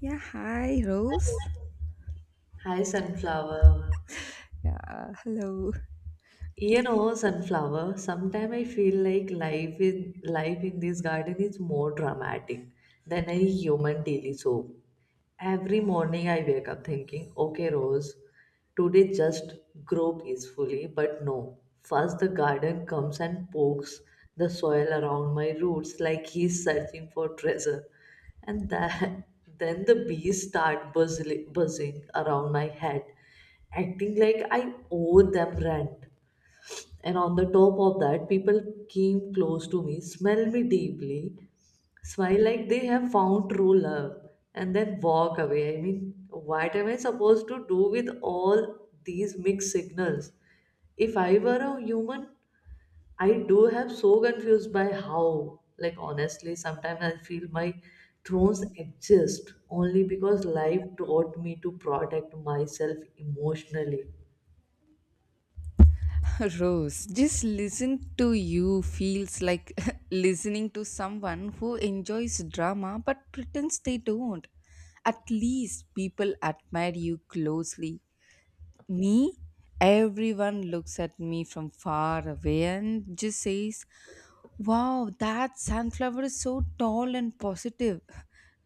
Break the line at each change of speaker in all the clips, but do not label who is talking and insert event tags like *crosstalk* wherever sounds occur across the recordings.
Yeah, hi, Rose.
Hi, Sunflower.
Yeah, hello.
You know, Sunflower, sometimes I feel like life in this garden is more dramatic than a human daily soap. Every morning I wake up thinking, okay, Rose, today just grow peacefully. But no, first the garden comes and pokes the soil around my roots like he's searching for treasure. And that, *laughs* then the bees start buzzing, buzzing around my head, acting like I owe them rent. And on the top of that, people came close to me, smelled me deeply, smile like they have found true love and then walk away. What am I supposed to do with all these mixed signals? If I were a human, I do have so confused by how. Like honestly, sometimes I feel my thrones exist only because life taught me to protect myself emotionally.
*laughs* Rose, just listen to you feels like *laughs* listening to someone who enjoys drama but pretends they don't. At least people admire you closely. Me? Everyone looks at me from far away and just says, wow, that sunflower is so tall and positive.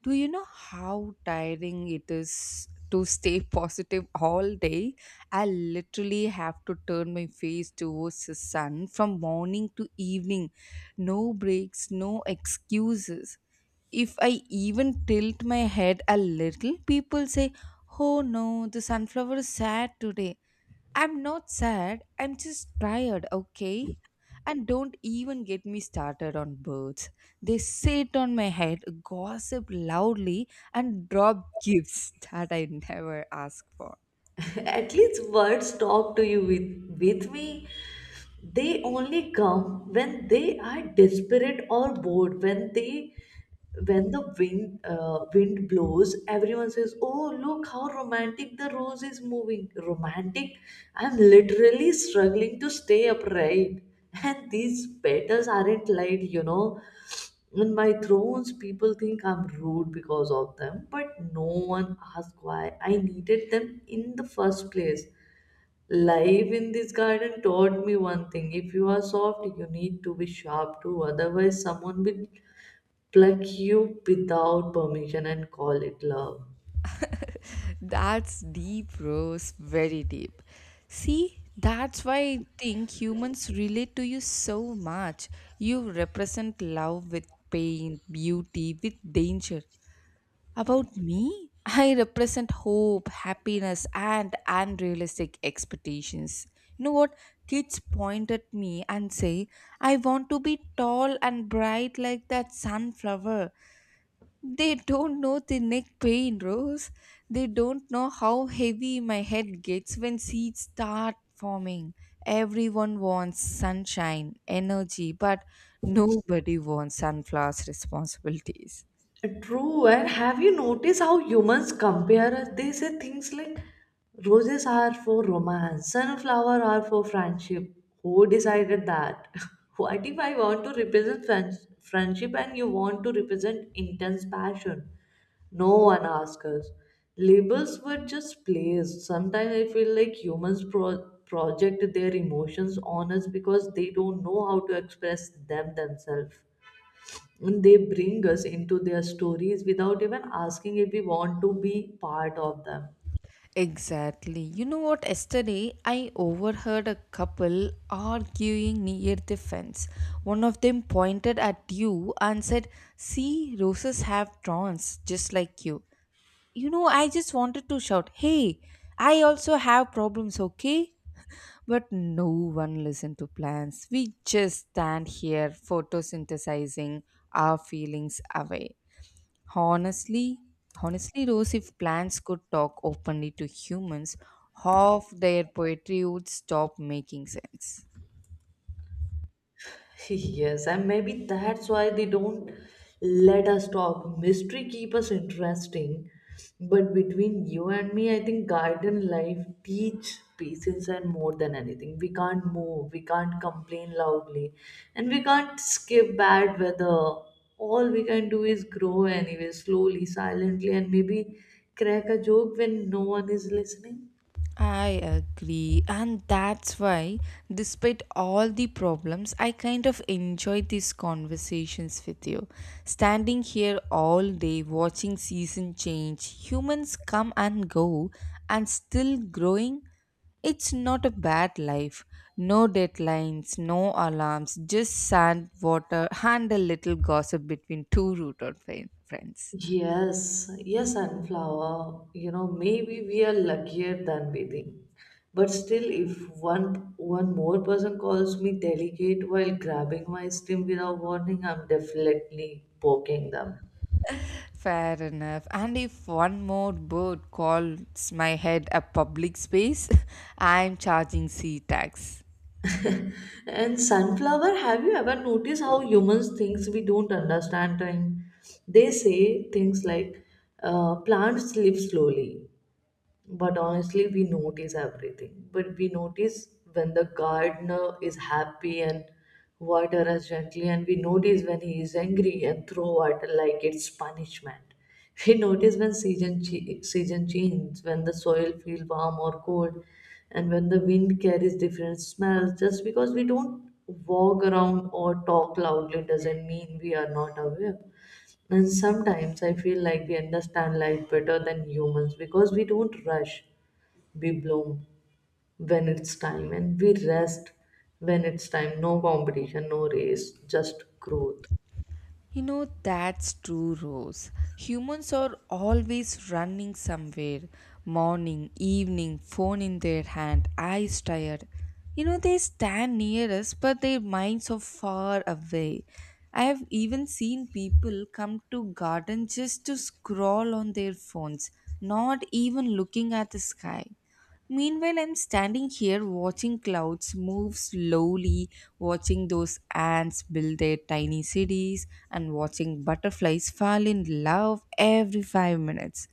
Do you know how tiring it is to stay *laughs* positive all day? I literally have to turn my face towards the sun from morning to evening. No breaks, no excuses. If I even tilt my head a little, people say, oh no, the sunflower is sad today. I'm not sad. I'm just tired, okay? And don't even get me started on birds. They sit on my head, gossip loudly, and drop gifts *laughs* that I never ask for.
*laughs* At least words talk to you. With me they only come when they are desperate or bored. When the wind wind blows, everyone says, oh, look how romantic the rose is moving. Romantic? I'm literally struggling to stay upright, and these petals aren't light, you know. In my thrones, people think I'm rude because of them, but no one asks why I needed them in the first place. Life in this garden taught me one thing. If you are soft, you need to be sharp too. Otherwise, someone will pluck you without permission and call it love.
That's deep, Rose. Very deep. See, that's why I think humans relate to you so much. You represent love with pain, beauty, with danger. About me, I represent hope, happiness, and unrealistic expectations. You know what? Kids point at me and say, I want to be tall and bright like that sunflower. They don't know the neck pain, Rose. They don't know how heavy my head gets when seeds start forming. Everyone wants sunshine, energy, but nobody wants sunflowers' responsibilities.
True, and have you noticed how humans compare us? They say things like roses are for romance, sunflower are for friendship. Who decided that? *laughs* What if I want to represent friendship and you want to represent intense passion? No one asks us. Labels were just placed. Sometimes I feel like humans project their emotions on us because they don't know how to express them themselves. They bring us into their stories without even asking if we want to be part of them.
Exactly. You know what? Yesterday, I overheard a couple arguing near the fence. One of them pointed at you and said, see, roses have thorns just like you. You know, I just wanted to shout, hey, I also have problems, okay? *laughs* But no one listened to plans. We just stand here photosynthesizing our feelings away. Honestly, honestly, Rose, if plants could talk openly to humans, half their poetry would stop making sense.
*laughs* Yes, and maybe that's why they don't let us talk. Mystery keep us interesting, but between you and me, I think garden life teach patience and more than anything. We can't move, we can't complain loudly, and we can't skip bad weather. All we can do is grow anyway, slowly, silently, and maybe crack a joke when no one is listening.
I agree, and that's why, despite all the problems, I kind of enjoy these conversations with you. Standing here all day watching season change, humans come and go, and still growing. It's not a bad life. No deadlines, no alarms, just sand, water, and a little gossip between two rooted friends.
Yes, yes, Sunflower. You know, maybe we are luckier than we think. But still, if one more person calls me delicate while grabbing my stem without warning, I'm definitely poking them.
Fair enough. And if one more bird calls my head a public space, *laughs* I'm charging sea tax.
And Sunflower, have you ever noticed how humans thinks we don't understand time? They say things like, plants live slowly. But honestly, we notice everything. But we notice when the gardener is happy and water us gently, and we notice when he is angry and throw water like it's punishment. *laughs* We notice when season changes, when the soil feels warm or cold, and when the wind carries different smells. Just because we don't walk around or talk loudly doesn't mean we are not aware. And sometimes I feel like we understand life better than humans because we don't rush. We bloom when it's time and we rest when it's time. No competition, no race, just growth.
You know, that's true, Rose. Humans are always running somewhere. Morning, evening, phone in their hand, eyes tired. You know, they stand near us, but their minds are far away. I have even seen people come to garden just to scroll on their phones, not even looking at the sky. Meanwhile, I'm standing here watching clouds move slowly, watching those ants build their tiny cities, and watching butterflies fall in love every 5 minutes.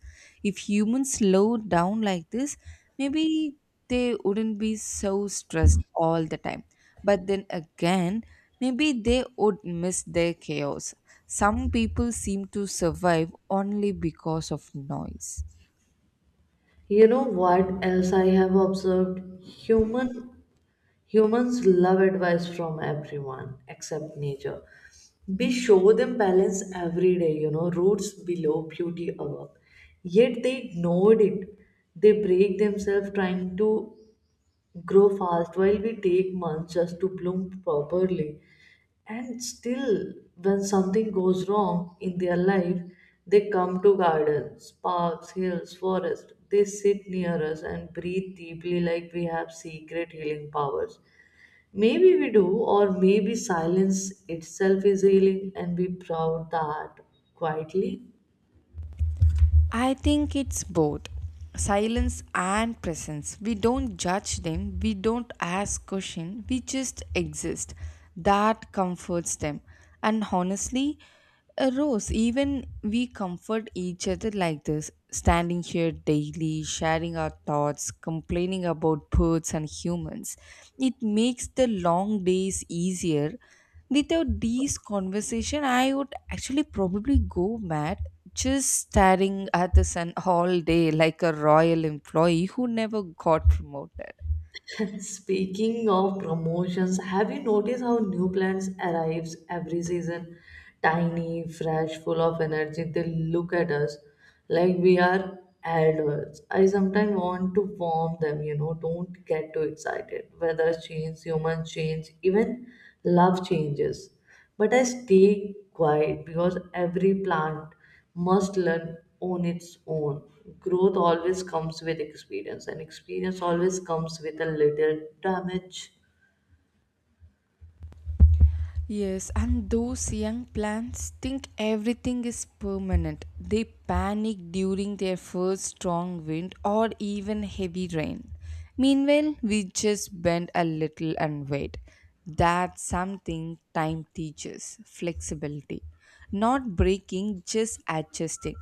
If humans slowed down like this, maybe they wouldn't be so stressed all the time. But then again, maybe they would miss their chaos. Some people seem to survive only because of noise.
You know what else I have observed? Humans love advice from everyone except nature. We show them balance every day, you know, roots below, beauty above. Yet they ignored it. They break themselves trying to grow fast while we take months just to bloom properly. And still, when something goes wrong in their life, they come to gardens, parks, hills, forests. They sit near us and breathe deeply like we have secret healing powers. Maybe we do, or maybe silence itself is healing and be proud that quietly.
I think it's both silence and presence. We don't judge them, we don't ask questions, we just exist. That comforts them. And honestly, Rose, even we comfort each other like this, standing here daily, sharing our thoughts, complaining about birds and humans. It makes the long days easier without these conversation I would actually probably go mad just staring at the sun all day like a royal employee who never got promoted.
*laughs* Speaking of promotions, have you noticed how new plants arrives every season? Tiny, fresh, full of energy. They look at us like we are adults. I sometimes want to warn them, you know, don't get too excited. Weather change, humans change, even love changes. But I stay quiet because every plant must learn on its own. Growth always comes with experience, and experience always comes with a little damage.
Yes, and those young plants think everything is permanent. They panic during their first strong wind or even heavy rain. Meanwhile, we just bend a little and wait. That's something time teaches flexibility. Not breaking, just adjusting.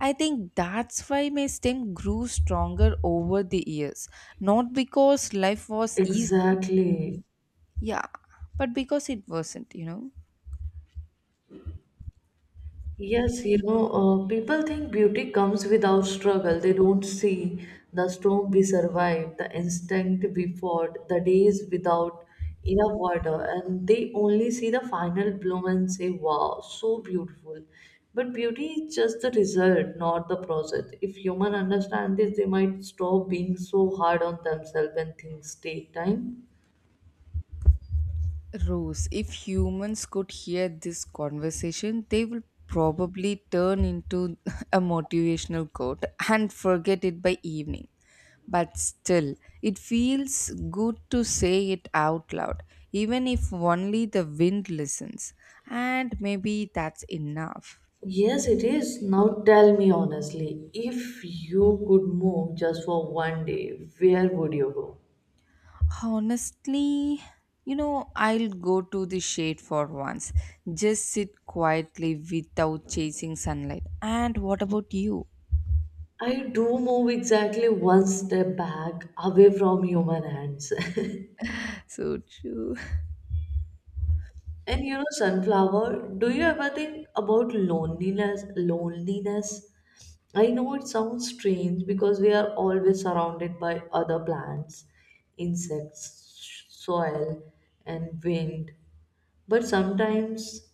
I think that's why my stem grew stronger over the years. Not because life was easy,
Exactly.
yeah, but because it wasn't, you know.
Yes, you know, people think beauty comes without struggle. They don't see the storm we survived, the instinct we fought, the days without enough water, and they only see the final bloom and say, wow, so beautiful. But beauty is just the result, not the process. If humans understand this, they might stop being so hard on themselves when things take time.
Rose, if humans could hear this conversation, they will probably turn into *laughs* a motivational quote and forget it by evening. But still, it feels good to say it out loud, even if only the wind listens. And maybe that's enough.
Yes, it is. Now tell me honestly, if you could move just for one day, where would you go?
Honestly, you know, I'll go to the shade for once. Just sit quietly without chasing sunlight. And what about you?
I do move exactly one step back away from human hands.
So true.
*laughs* And you know, sunflower, do you ever think about loneliness? Loneliness? I know it sounds strange because we are always surrounded by other plants, insects, soil, and wind. But sometimes,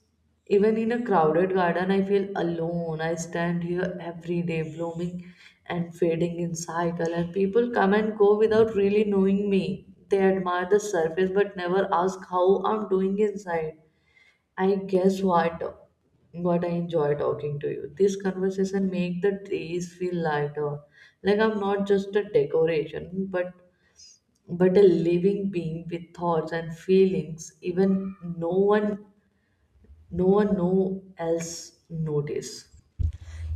even in a crowded garden, I feel alone. I stand here every day, blooming and fading in cycle, and people come and go without really knowing me. They admire the surface but never ask how I'm doing inside. I guess what I enjoy talking to you. This conversation make the trees feel lighter. Like I'm not just a decoration, but a living being with thoughts and feelings even no else notice.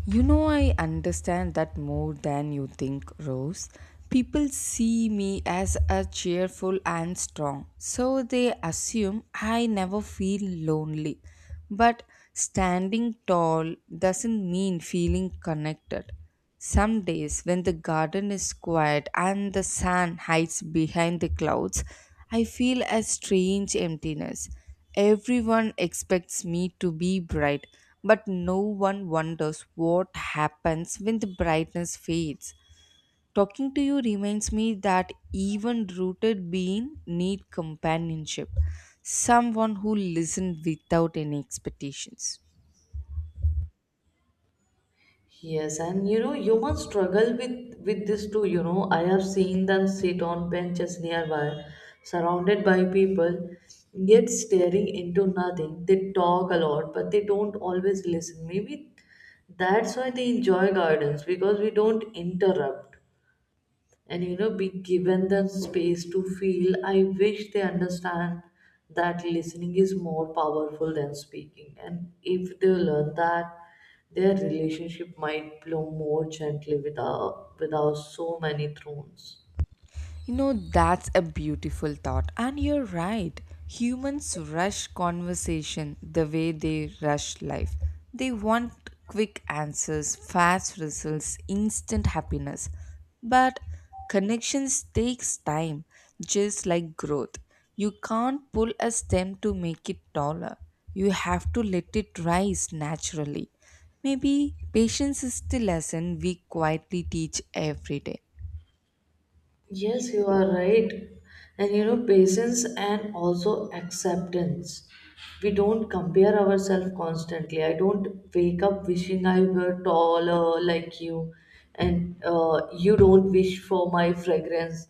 You know, I understand that more than you think, Rose. People see me as a cheerful and strong, so they assume I never feel lonely. But standing tall doesn't mean feeling connected. Some days, when the garden is quiet and the sun hides behind the clouds, I feel a strange emptiness. Everyone expects me to be bright, but no one wonders what happens when the brightness fades. Talking to you reminds me that even rooted beings need companionship, someone who listens without any expectations.
Yes, and you know, humans struggle with this too. You know, I have seen them sit on benches nearby, surrounded by people, yet staring into nothing. They talk a lot, but they don't always listen. Maybe that's why they enjoy gardens because we don't interrupt. And you know, be given the space to feel. I wish they understand that listening is more powerful than speaking, and if they learn that, their relationship might blow more gently without so many thorns.
You know, that's a beautiful thought. And you're right. Humans rush conversation the way they rush life. They want quick answers, fast results, instant happiness. But connections takes time, just like growth. You can't pull a stem to make it taller. You have to let it rise naturally. Maybe patience is the lesson we quietly teach every day.
Yes, you are right. And you know, patience and also acceptance. We don't compare ourselves constantly. I don't wake up wishing I were taller like you, and you don't wish for my fragrance.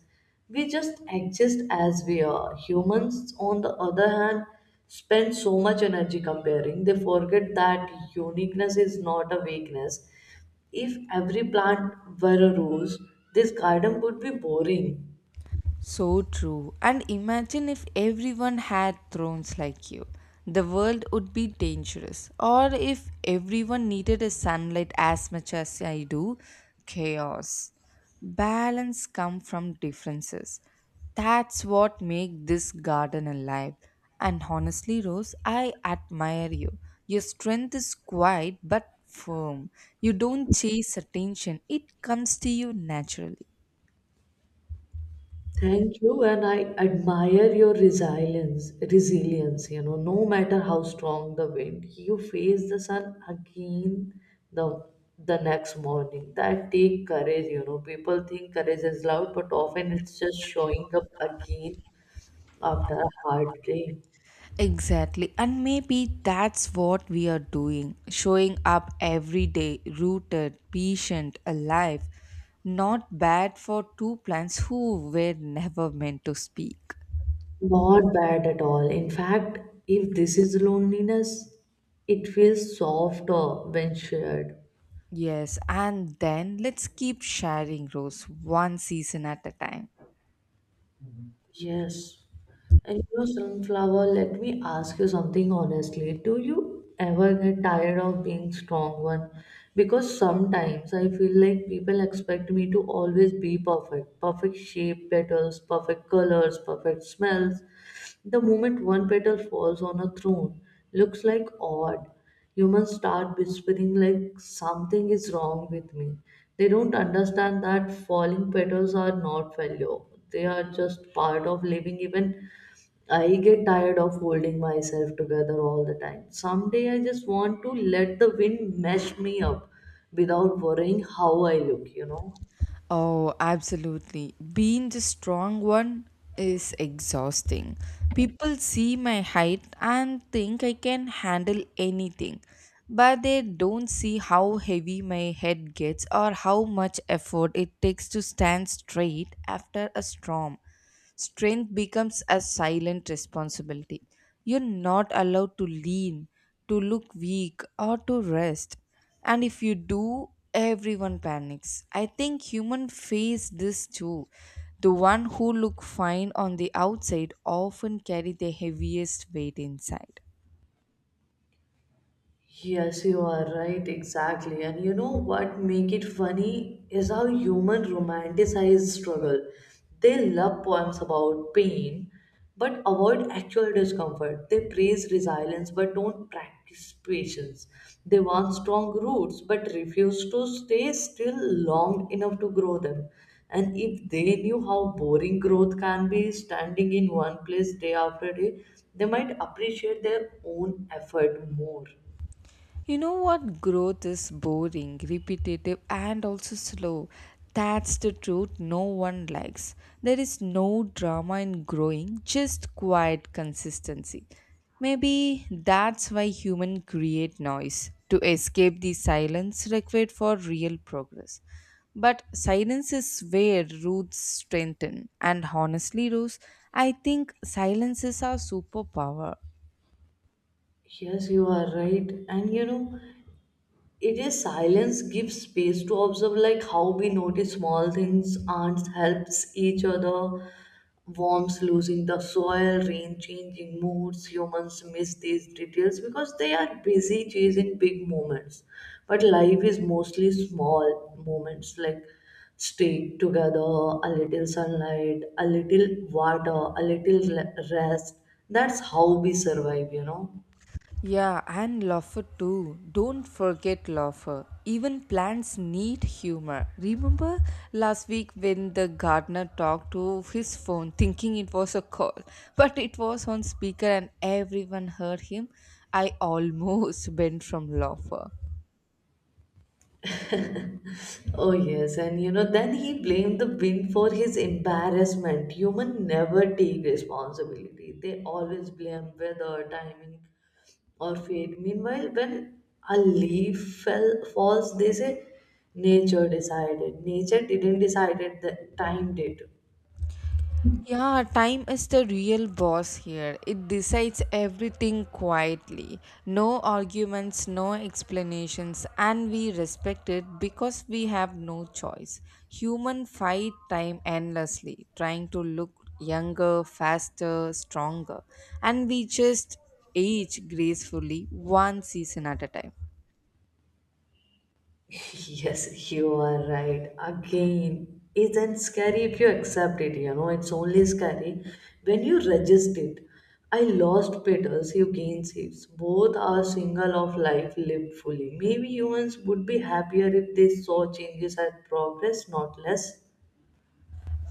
We just exist as we are. Humans, on the other hand, spend so much energy comparing. They forget that uniqueness is not a weakness. If every plant were a rose, this garden would be boring.
So true. And imagine if everyone had thrones like you. The world would be dangerous. Or if everyone needed a sunlight as much as I do, chaos. Balance come from differences. That's what make this garden alive. And honestly, Rose, I admire you. Your strength is quiet but firm. You don't chase attention. It comes to you naturally.
Thank you, and I admire your resilience. Resilience, you know, no matter how strong the wind, you face the sun again the the next morning. That take courage, you know. People think courage is loud, but often it's just showing up again after a hard day.
Exactly. And maybe that's what we are doing showing up every day, rooted, patient, alive. Not bad for two plants who were never meant to speak.
Not bad at all. In fact, if this is loneliness, it feels softer when shared.
Yes, and then let's keep sharing, Rose, one season at a time.
Yes. And you know, Sunflower, let me ask you something honestly. Do you ever get tired of being strong one? Because sometimes I feel like people expect me to always be perfect. Perfect shape, petals, perfect colors, perfect smells. The moment one petal falls on a throne, looks like odd. Humans start whispering like something is wrong with me. They don't understand that falling petals are not failure. They are just part of living. Even I get tired of holding myself together all the time. Someday I just want to let the wind mesh me up without worrying how I look, you know.
Oh, absolutely. Being the strong one is exhausting. People see my height and think I can handle anything, but they don't see how heavy my head gets or how much effort it takes to stand straight after a storm. Strength becomes a silent responsibility. You're not allowed to lean, to look weak, or to rest, and if you do, everyone panics. I think human face this too. The one who look fine on the outside often carry the heaviest weight inside.
Yes, you are right, exactly. And you know what make it funny is how human romanticize struggle. They love poems about pain, but avoid actual discomfort. They praise resilience, but don't practice patience. They want strong roots, but refuse to stay still long enough to grow them. And if they knew how boring growth can be, standing in one place day after day, they might appreciate their own effort more.
You know what? Growth is boring, repetitive, and also slow. That's the truth no one likes. There is no drama in growing, just quiet consistency. Maybe that's why humans create noise to escape the silence required for real progress. But silence is where roots strengthen, and honestly, Rose, I think silence is our superpower.
Yes, you are right. And you know, it is silence gives space to observe, like how we notice small things. Ants helps each other, worms losing the soil, rain changing moods. Humans miss these details because they are busy chasing big moments. But life is mostly small moments, like staying together, a little sunlight, a little water, a rest. That's how we survive, you know.
Yeah, and laughter too. Don't forget laughter. Even plants need humor. Remember last week when the gardener talked to his phone thinking it was a call, *laughs* but it was on speaker and everyone heard him? I almost *laughs* bent from laughter.
Oh, yes, and you know, then he blamed the wind for his embarrassment. Human never take responsibility, they always blame weather, timing, or fate. Meanwhile, when a falls, they say nature decided. Nature didn't decide it, the time did.
Yeah, time is the real boss here. It decides everything quietly. No arguments, no explanations, and we respect it because we have no choice. Human fight time endlessly, trying to look younger, faster, stronger, and we just age gracefully one season at a time.
*laughs* Yes, you are right. Again, isn't scary if you accept it, you know, it's only scary when you resist it. I lost petals, you gain seeds. Both are single of life lived fully. Maybe humans would be happier if they saw changes as progress, not less,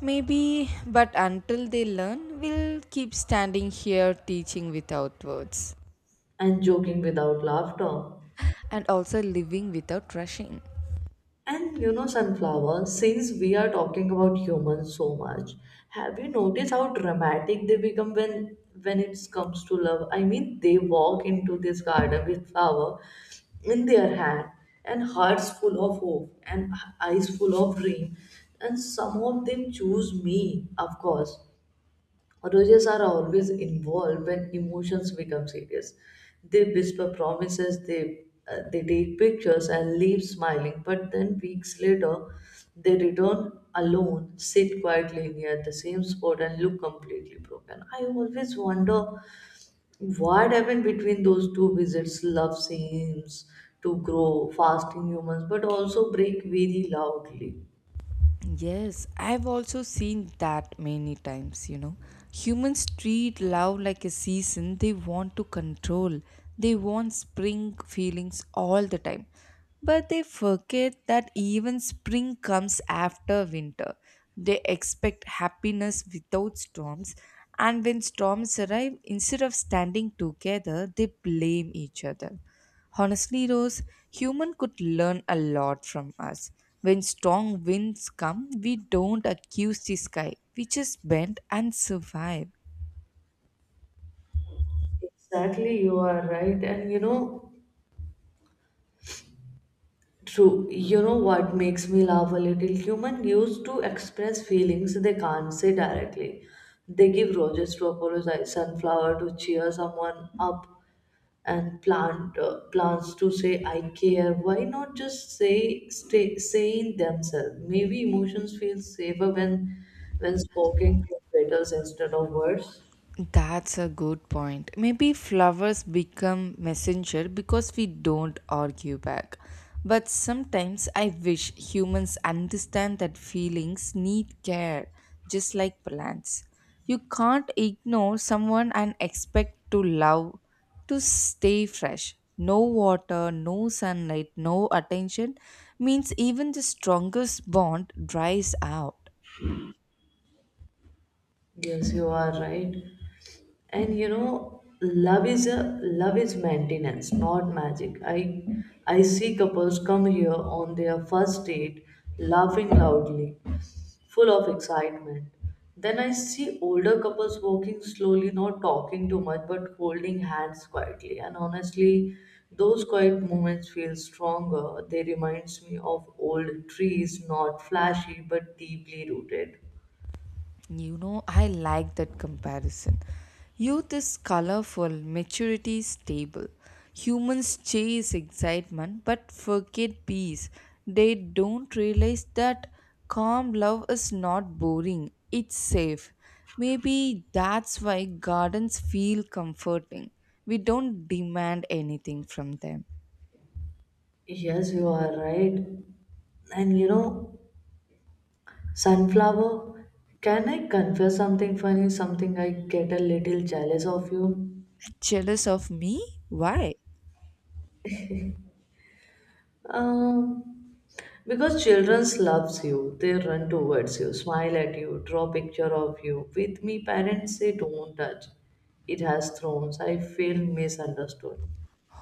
Maybe, but until they learn, we'll keep standing here teaching without words.
and joking without laughter.
And also living without rushing.
And you know, Sunflower, since we are talking about humans so much, have you noticed how dramatic they become when it comes to love? I mean, they walk into this garden with flower in their hand and hearts full of hope and eyes full of dream, and some of them choose me, of course. Roses are always involved when emotions become serious. They whisper promises, they take pictures and leave smiling, but then weeks later, they return alone, sit quietly near the same spot, and look completely broken. I always wonder what happened between those two visits. Love seems to grow fast in humans, but also break very loudly.
Yes, I've also seen that many times, you know. Humans treat love like a season they want to control. They want spring feelings all the time. But they forget that even spring comes after winter. They expect happiness without storms. And when storms arrive, instead of standing together, they blame each other. Honestly, Rose, human could learn a lot from us. When strong winds come, we don't accuse the sky. We just bend and survive.
Exactly, you are right. And you know, true. You know what makes me laugh a little? Human used to express feelings they can't say directly. They give roses to apologize, sunflower to cheer someone up, and plants to say I care. Why not just say stay saying themselves? Maybe emotions feel safer when spoken with petals instead of words.
That's a good point. Maybe flowers become messenger because we don't argue back. But sometimes I wish humans understand that feelings need care, just like plants. You can't ignore someone and expect to love to stay fresh. No water, no sunlight, no attention means even the strongest bond dries out.
Yes, you are right. And you know, love is maintenance, not magic. I see couples come here on their first date laughing loudly, full of excitement. Then I see older couples walking slowly, not talking too much, but holding hands quietly. And honestly, those quiet moments feel stronger. They reminds me of old trees, not flashy but deeply rooted.
You know, I like that comparison. Youth is colorful, maturity is stable. Humans chase excitement but forget peace. They don't realize that calm love is not boring, it's safe. Maybe that's why gardens feel comforting. We don't demand anything from them.
Yes, you are right. And you know, sunflower, can I confess something funny? Something I get a little jealous of you?
Jealous of me? Why?
Um, because children loves you, they run towards you, smile at you, draw picture of you. With me, parents say don't touch. It has thorns. I feel misunderstood.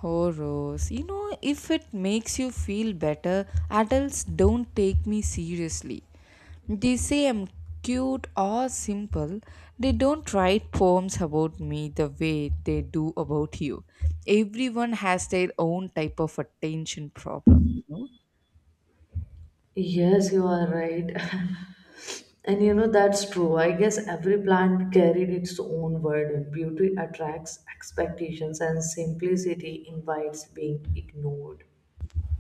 Horrors, you know, if it makes you feel better, adults don't take me seriously. They say I'm cute or simple. They don't write poems about me the way they do about you. Everyone has their own type of attention problem, you know?
Yes, you are right. *laughs* And you know, that's true. I guess every plant carried its own burden. Beauty attracts expectations, and simplicity invites being ignored.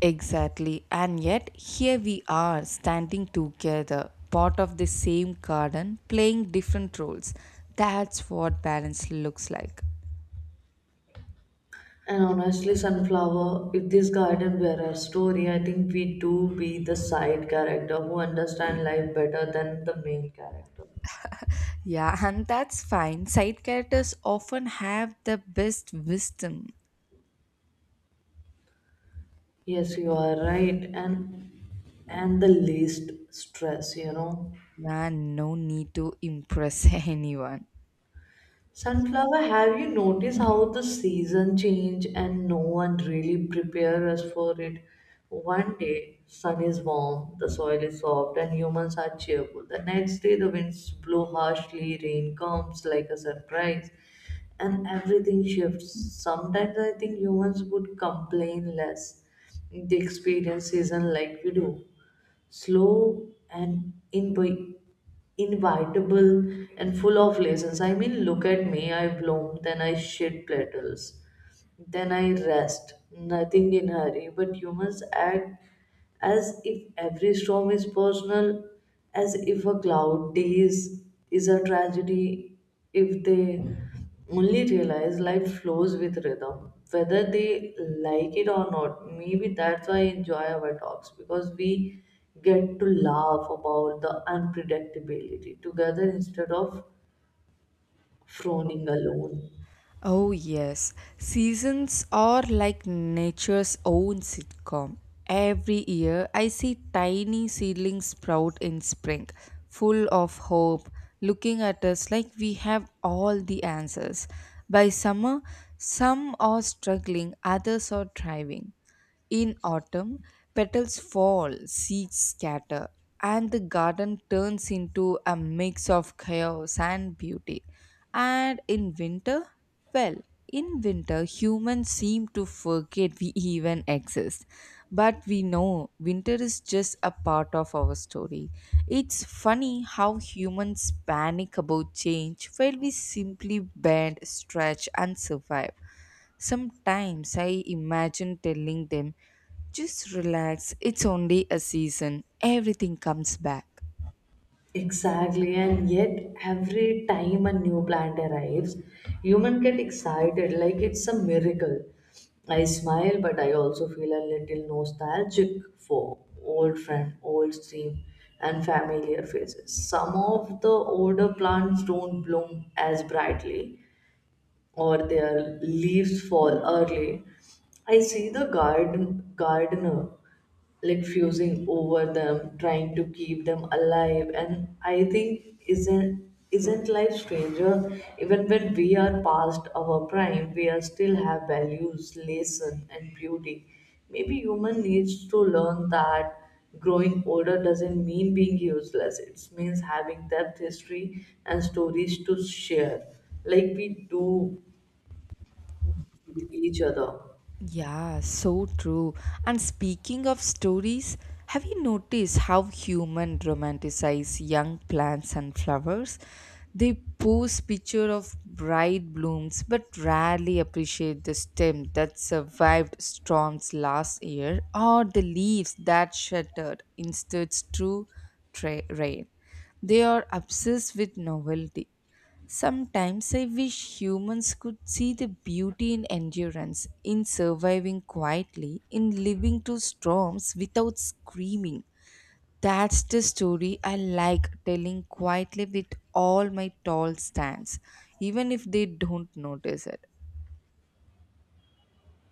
Exactly. And yet, here we are standing together, part of the same garden, playing different roles. That's what balance looks like.
And honestly, Sunflower, if this garden were a story, I think we do be the side character who understand life better than the main character.
Yeah, *laughs* and that's fine. Side characters often have the best wisdom.
Yes, you are right. And the least stress, you know.
Yeah, no need to impress *laughs* anyone.
Sunflower, have you noticed how the season change and no one really prepare us for it? One day sun is warm, the soil is soft, and humans are cheerful. The next day the winds blow harshly, rain comes like a surprise, and everything shifts. Sometimes I think humans would complain less. They experience season like we do, slow and invitable and full of lessons. I mean, look at me, I bloom, then I shed petals. Then I rest, nothing in hurry, but humans act as if every storm is personal, as if a cloud day is a tragedy, if they only realize life flows with rhythm, whether they like it or not. Maybe that's why I enjoy our talks, because we get to laugh about the unpredictability together instead of frowning alone.
Oh, yes. Seasons are like nature's own sitcom. Every year, I see tiny seedlings sprout in spring, full of hope, looking at us like we have all the answers. By summer, some are struggling, others are thriving. In autumn, petals fall, seeds scatter, and the garden turns into a mix of chaos and beauty. And in winter, well, in winter, humans seem to forget we even exist. But we know winter is just a part of our story. It's funny how humans panic about change while we simply bend, stretch, and survive. Sometimes I imagine telling them, just relax, it's only a season, everything comes back.
Exactly, and yet every time a new plant arrives, human get excited like it's a miracle. I smile, but I also feel a little nostalgic for old friend, old stream, and familiar faces. Some of the older plants don't bloom as brightly, or their leaves fall early. I see the garden gardener like fusing over them, trying to keep them alive, and I think isn't life stranger? Even when we are past our prime, we are still have values, lesson, and beauty. Maybe human needs to learn that growing older doesn't mean being useless. It means having depth, history, and stories to share, like we do each other.
Yeah, so true. And speaking of stories, have you noticed how human romanticize young plants and flowers? They post picture of bright blooms but rarely appreciate the stem that survived storms last year or the leaves that shattered instead true rain. They are obsessed with novelty. Sometimes I wish humans could see the beauty in endurance, in surviving quietly, in living through storms without screaming. That's the story I like telling quietly with all my tall stands, even if they don't notice it.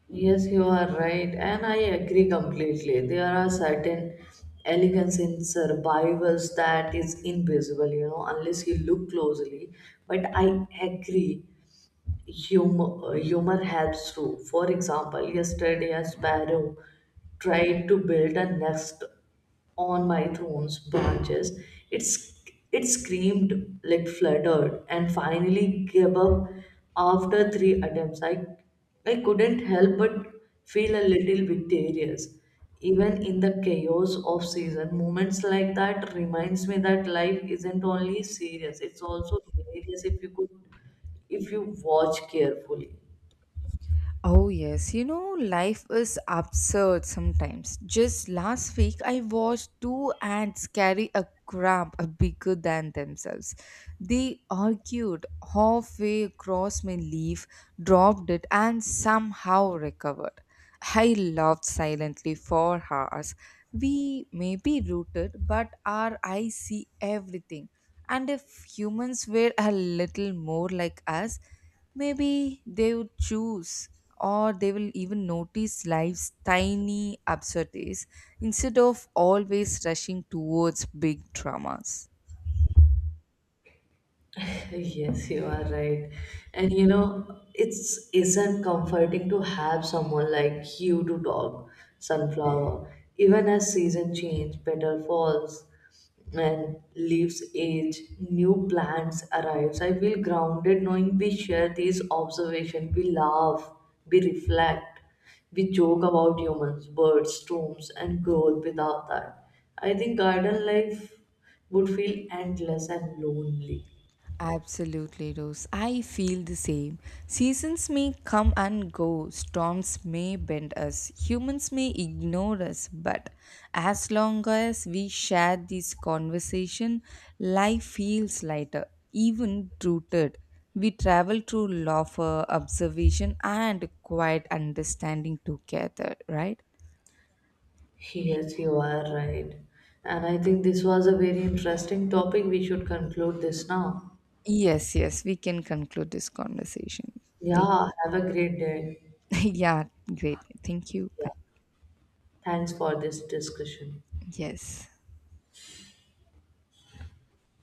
Yes, you are right, and I agree completely. There are certain elegance in survivals that is invisible, you know, unless you look closely. But I agree, humor helps too. For example, yesterday a sparrow tried to build a nest on my throne's branches. It's, it screamed, like fluttered, and finally gave up after 3 attempts. I couldn't help but feel a little victorious. Even in the chaos of season, moments like that reminds me that life isn't only serious, it's also hilarious if you watch carefully.
Oh, yes. You know, life is absurd sometimes. Just last week, I watched two ants carry a crab bigger than themselves. They argued halfway across my leaf, dropped it, and somehow recovered. I laughed silently for hours. We may be rooted, but our eyes see everything. And if humans were a little more like us, maybe they would choose or they will even notice life's tiny absurdities instead of always rushing towards big dramas.
*laughs* Yes, you are right. And you know, it's isn't comforting to have someone like you to talk sunflower. Even as season change, petal falls and leaves age, new plants arrives. I feel grounded knowing we share these observations. We laugh, we reflect, we joke about humans, birds, storms, and growth without that. I think garden life would feel endless and lonely.
Absolutely, Rose. I feel the same. Seasons may come and go, storms may bend us, humans may ignore us, but as long as we share this conversation, life feels lighter, even rooted. We travel through laughter, observation, and quiet understanding together, right?
Yes, you are right. And I think this was a very interesting topic. We should conclude this now.
Yes, yes, we can conclude this conversation. Take-
Yeah, have a great day.
*laughs* yeah, great. Thank you.
Yeah,
Bye.
thanks for this discussion.
Yes.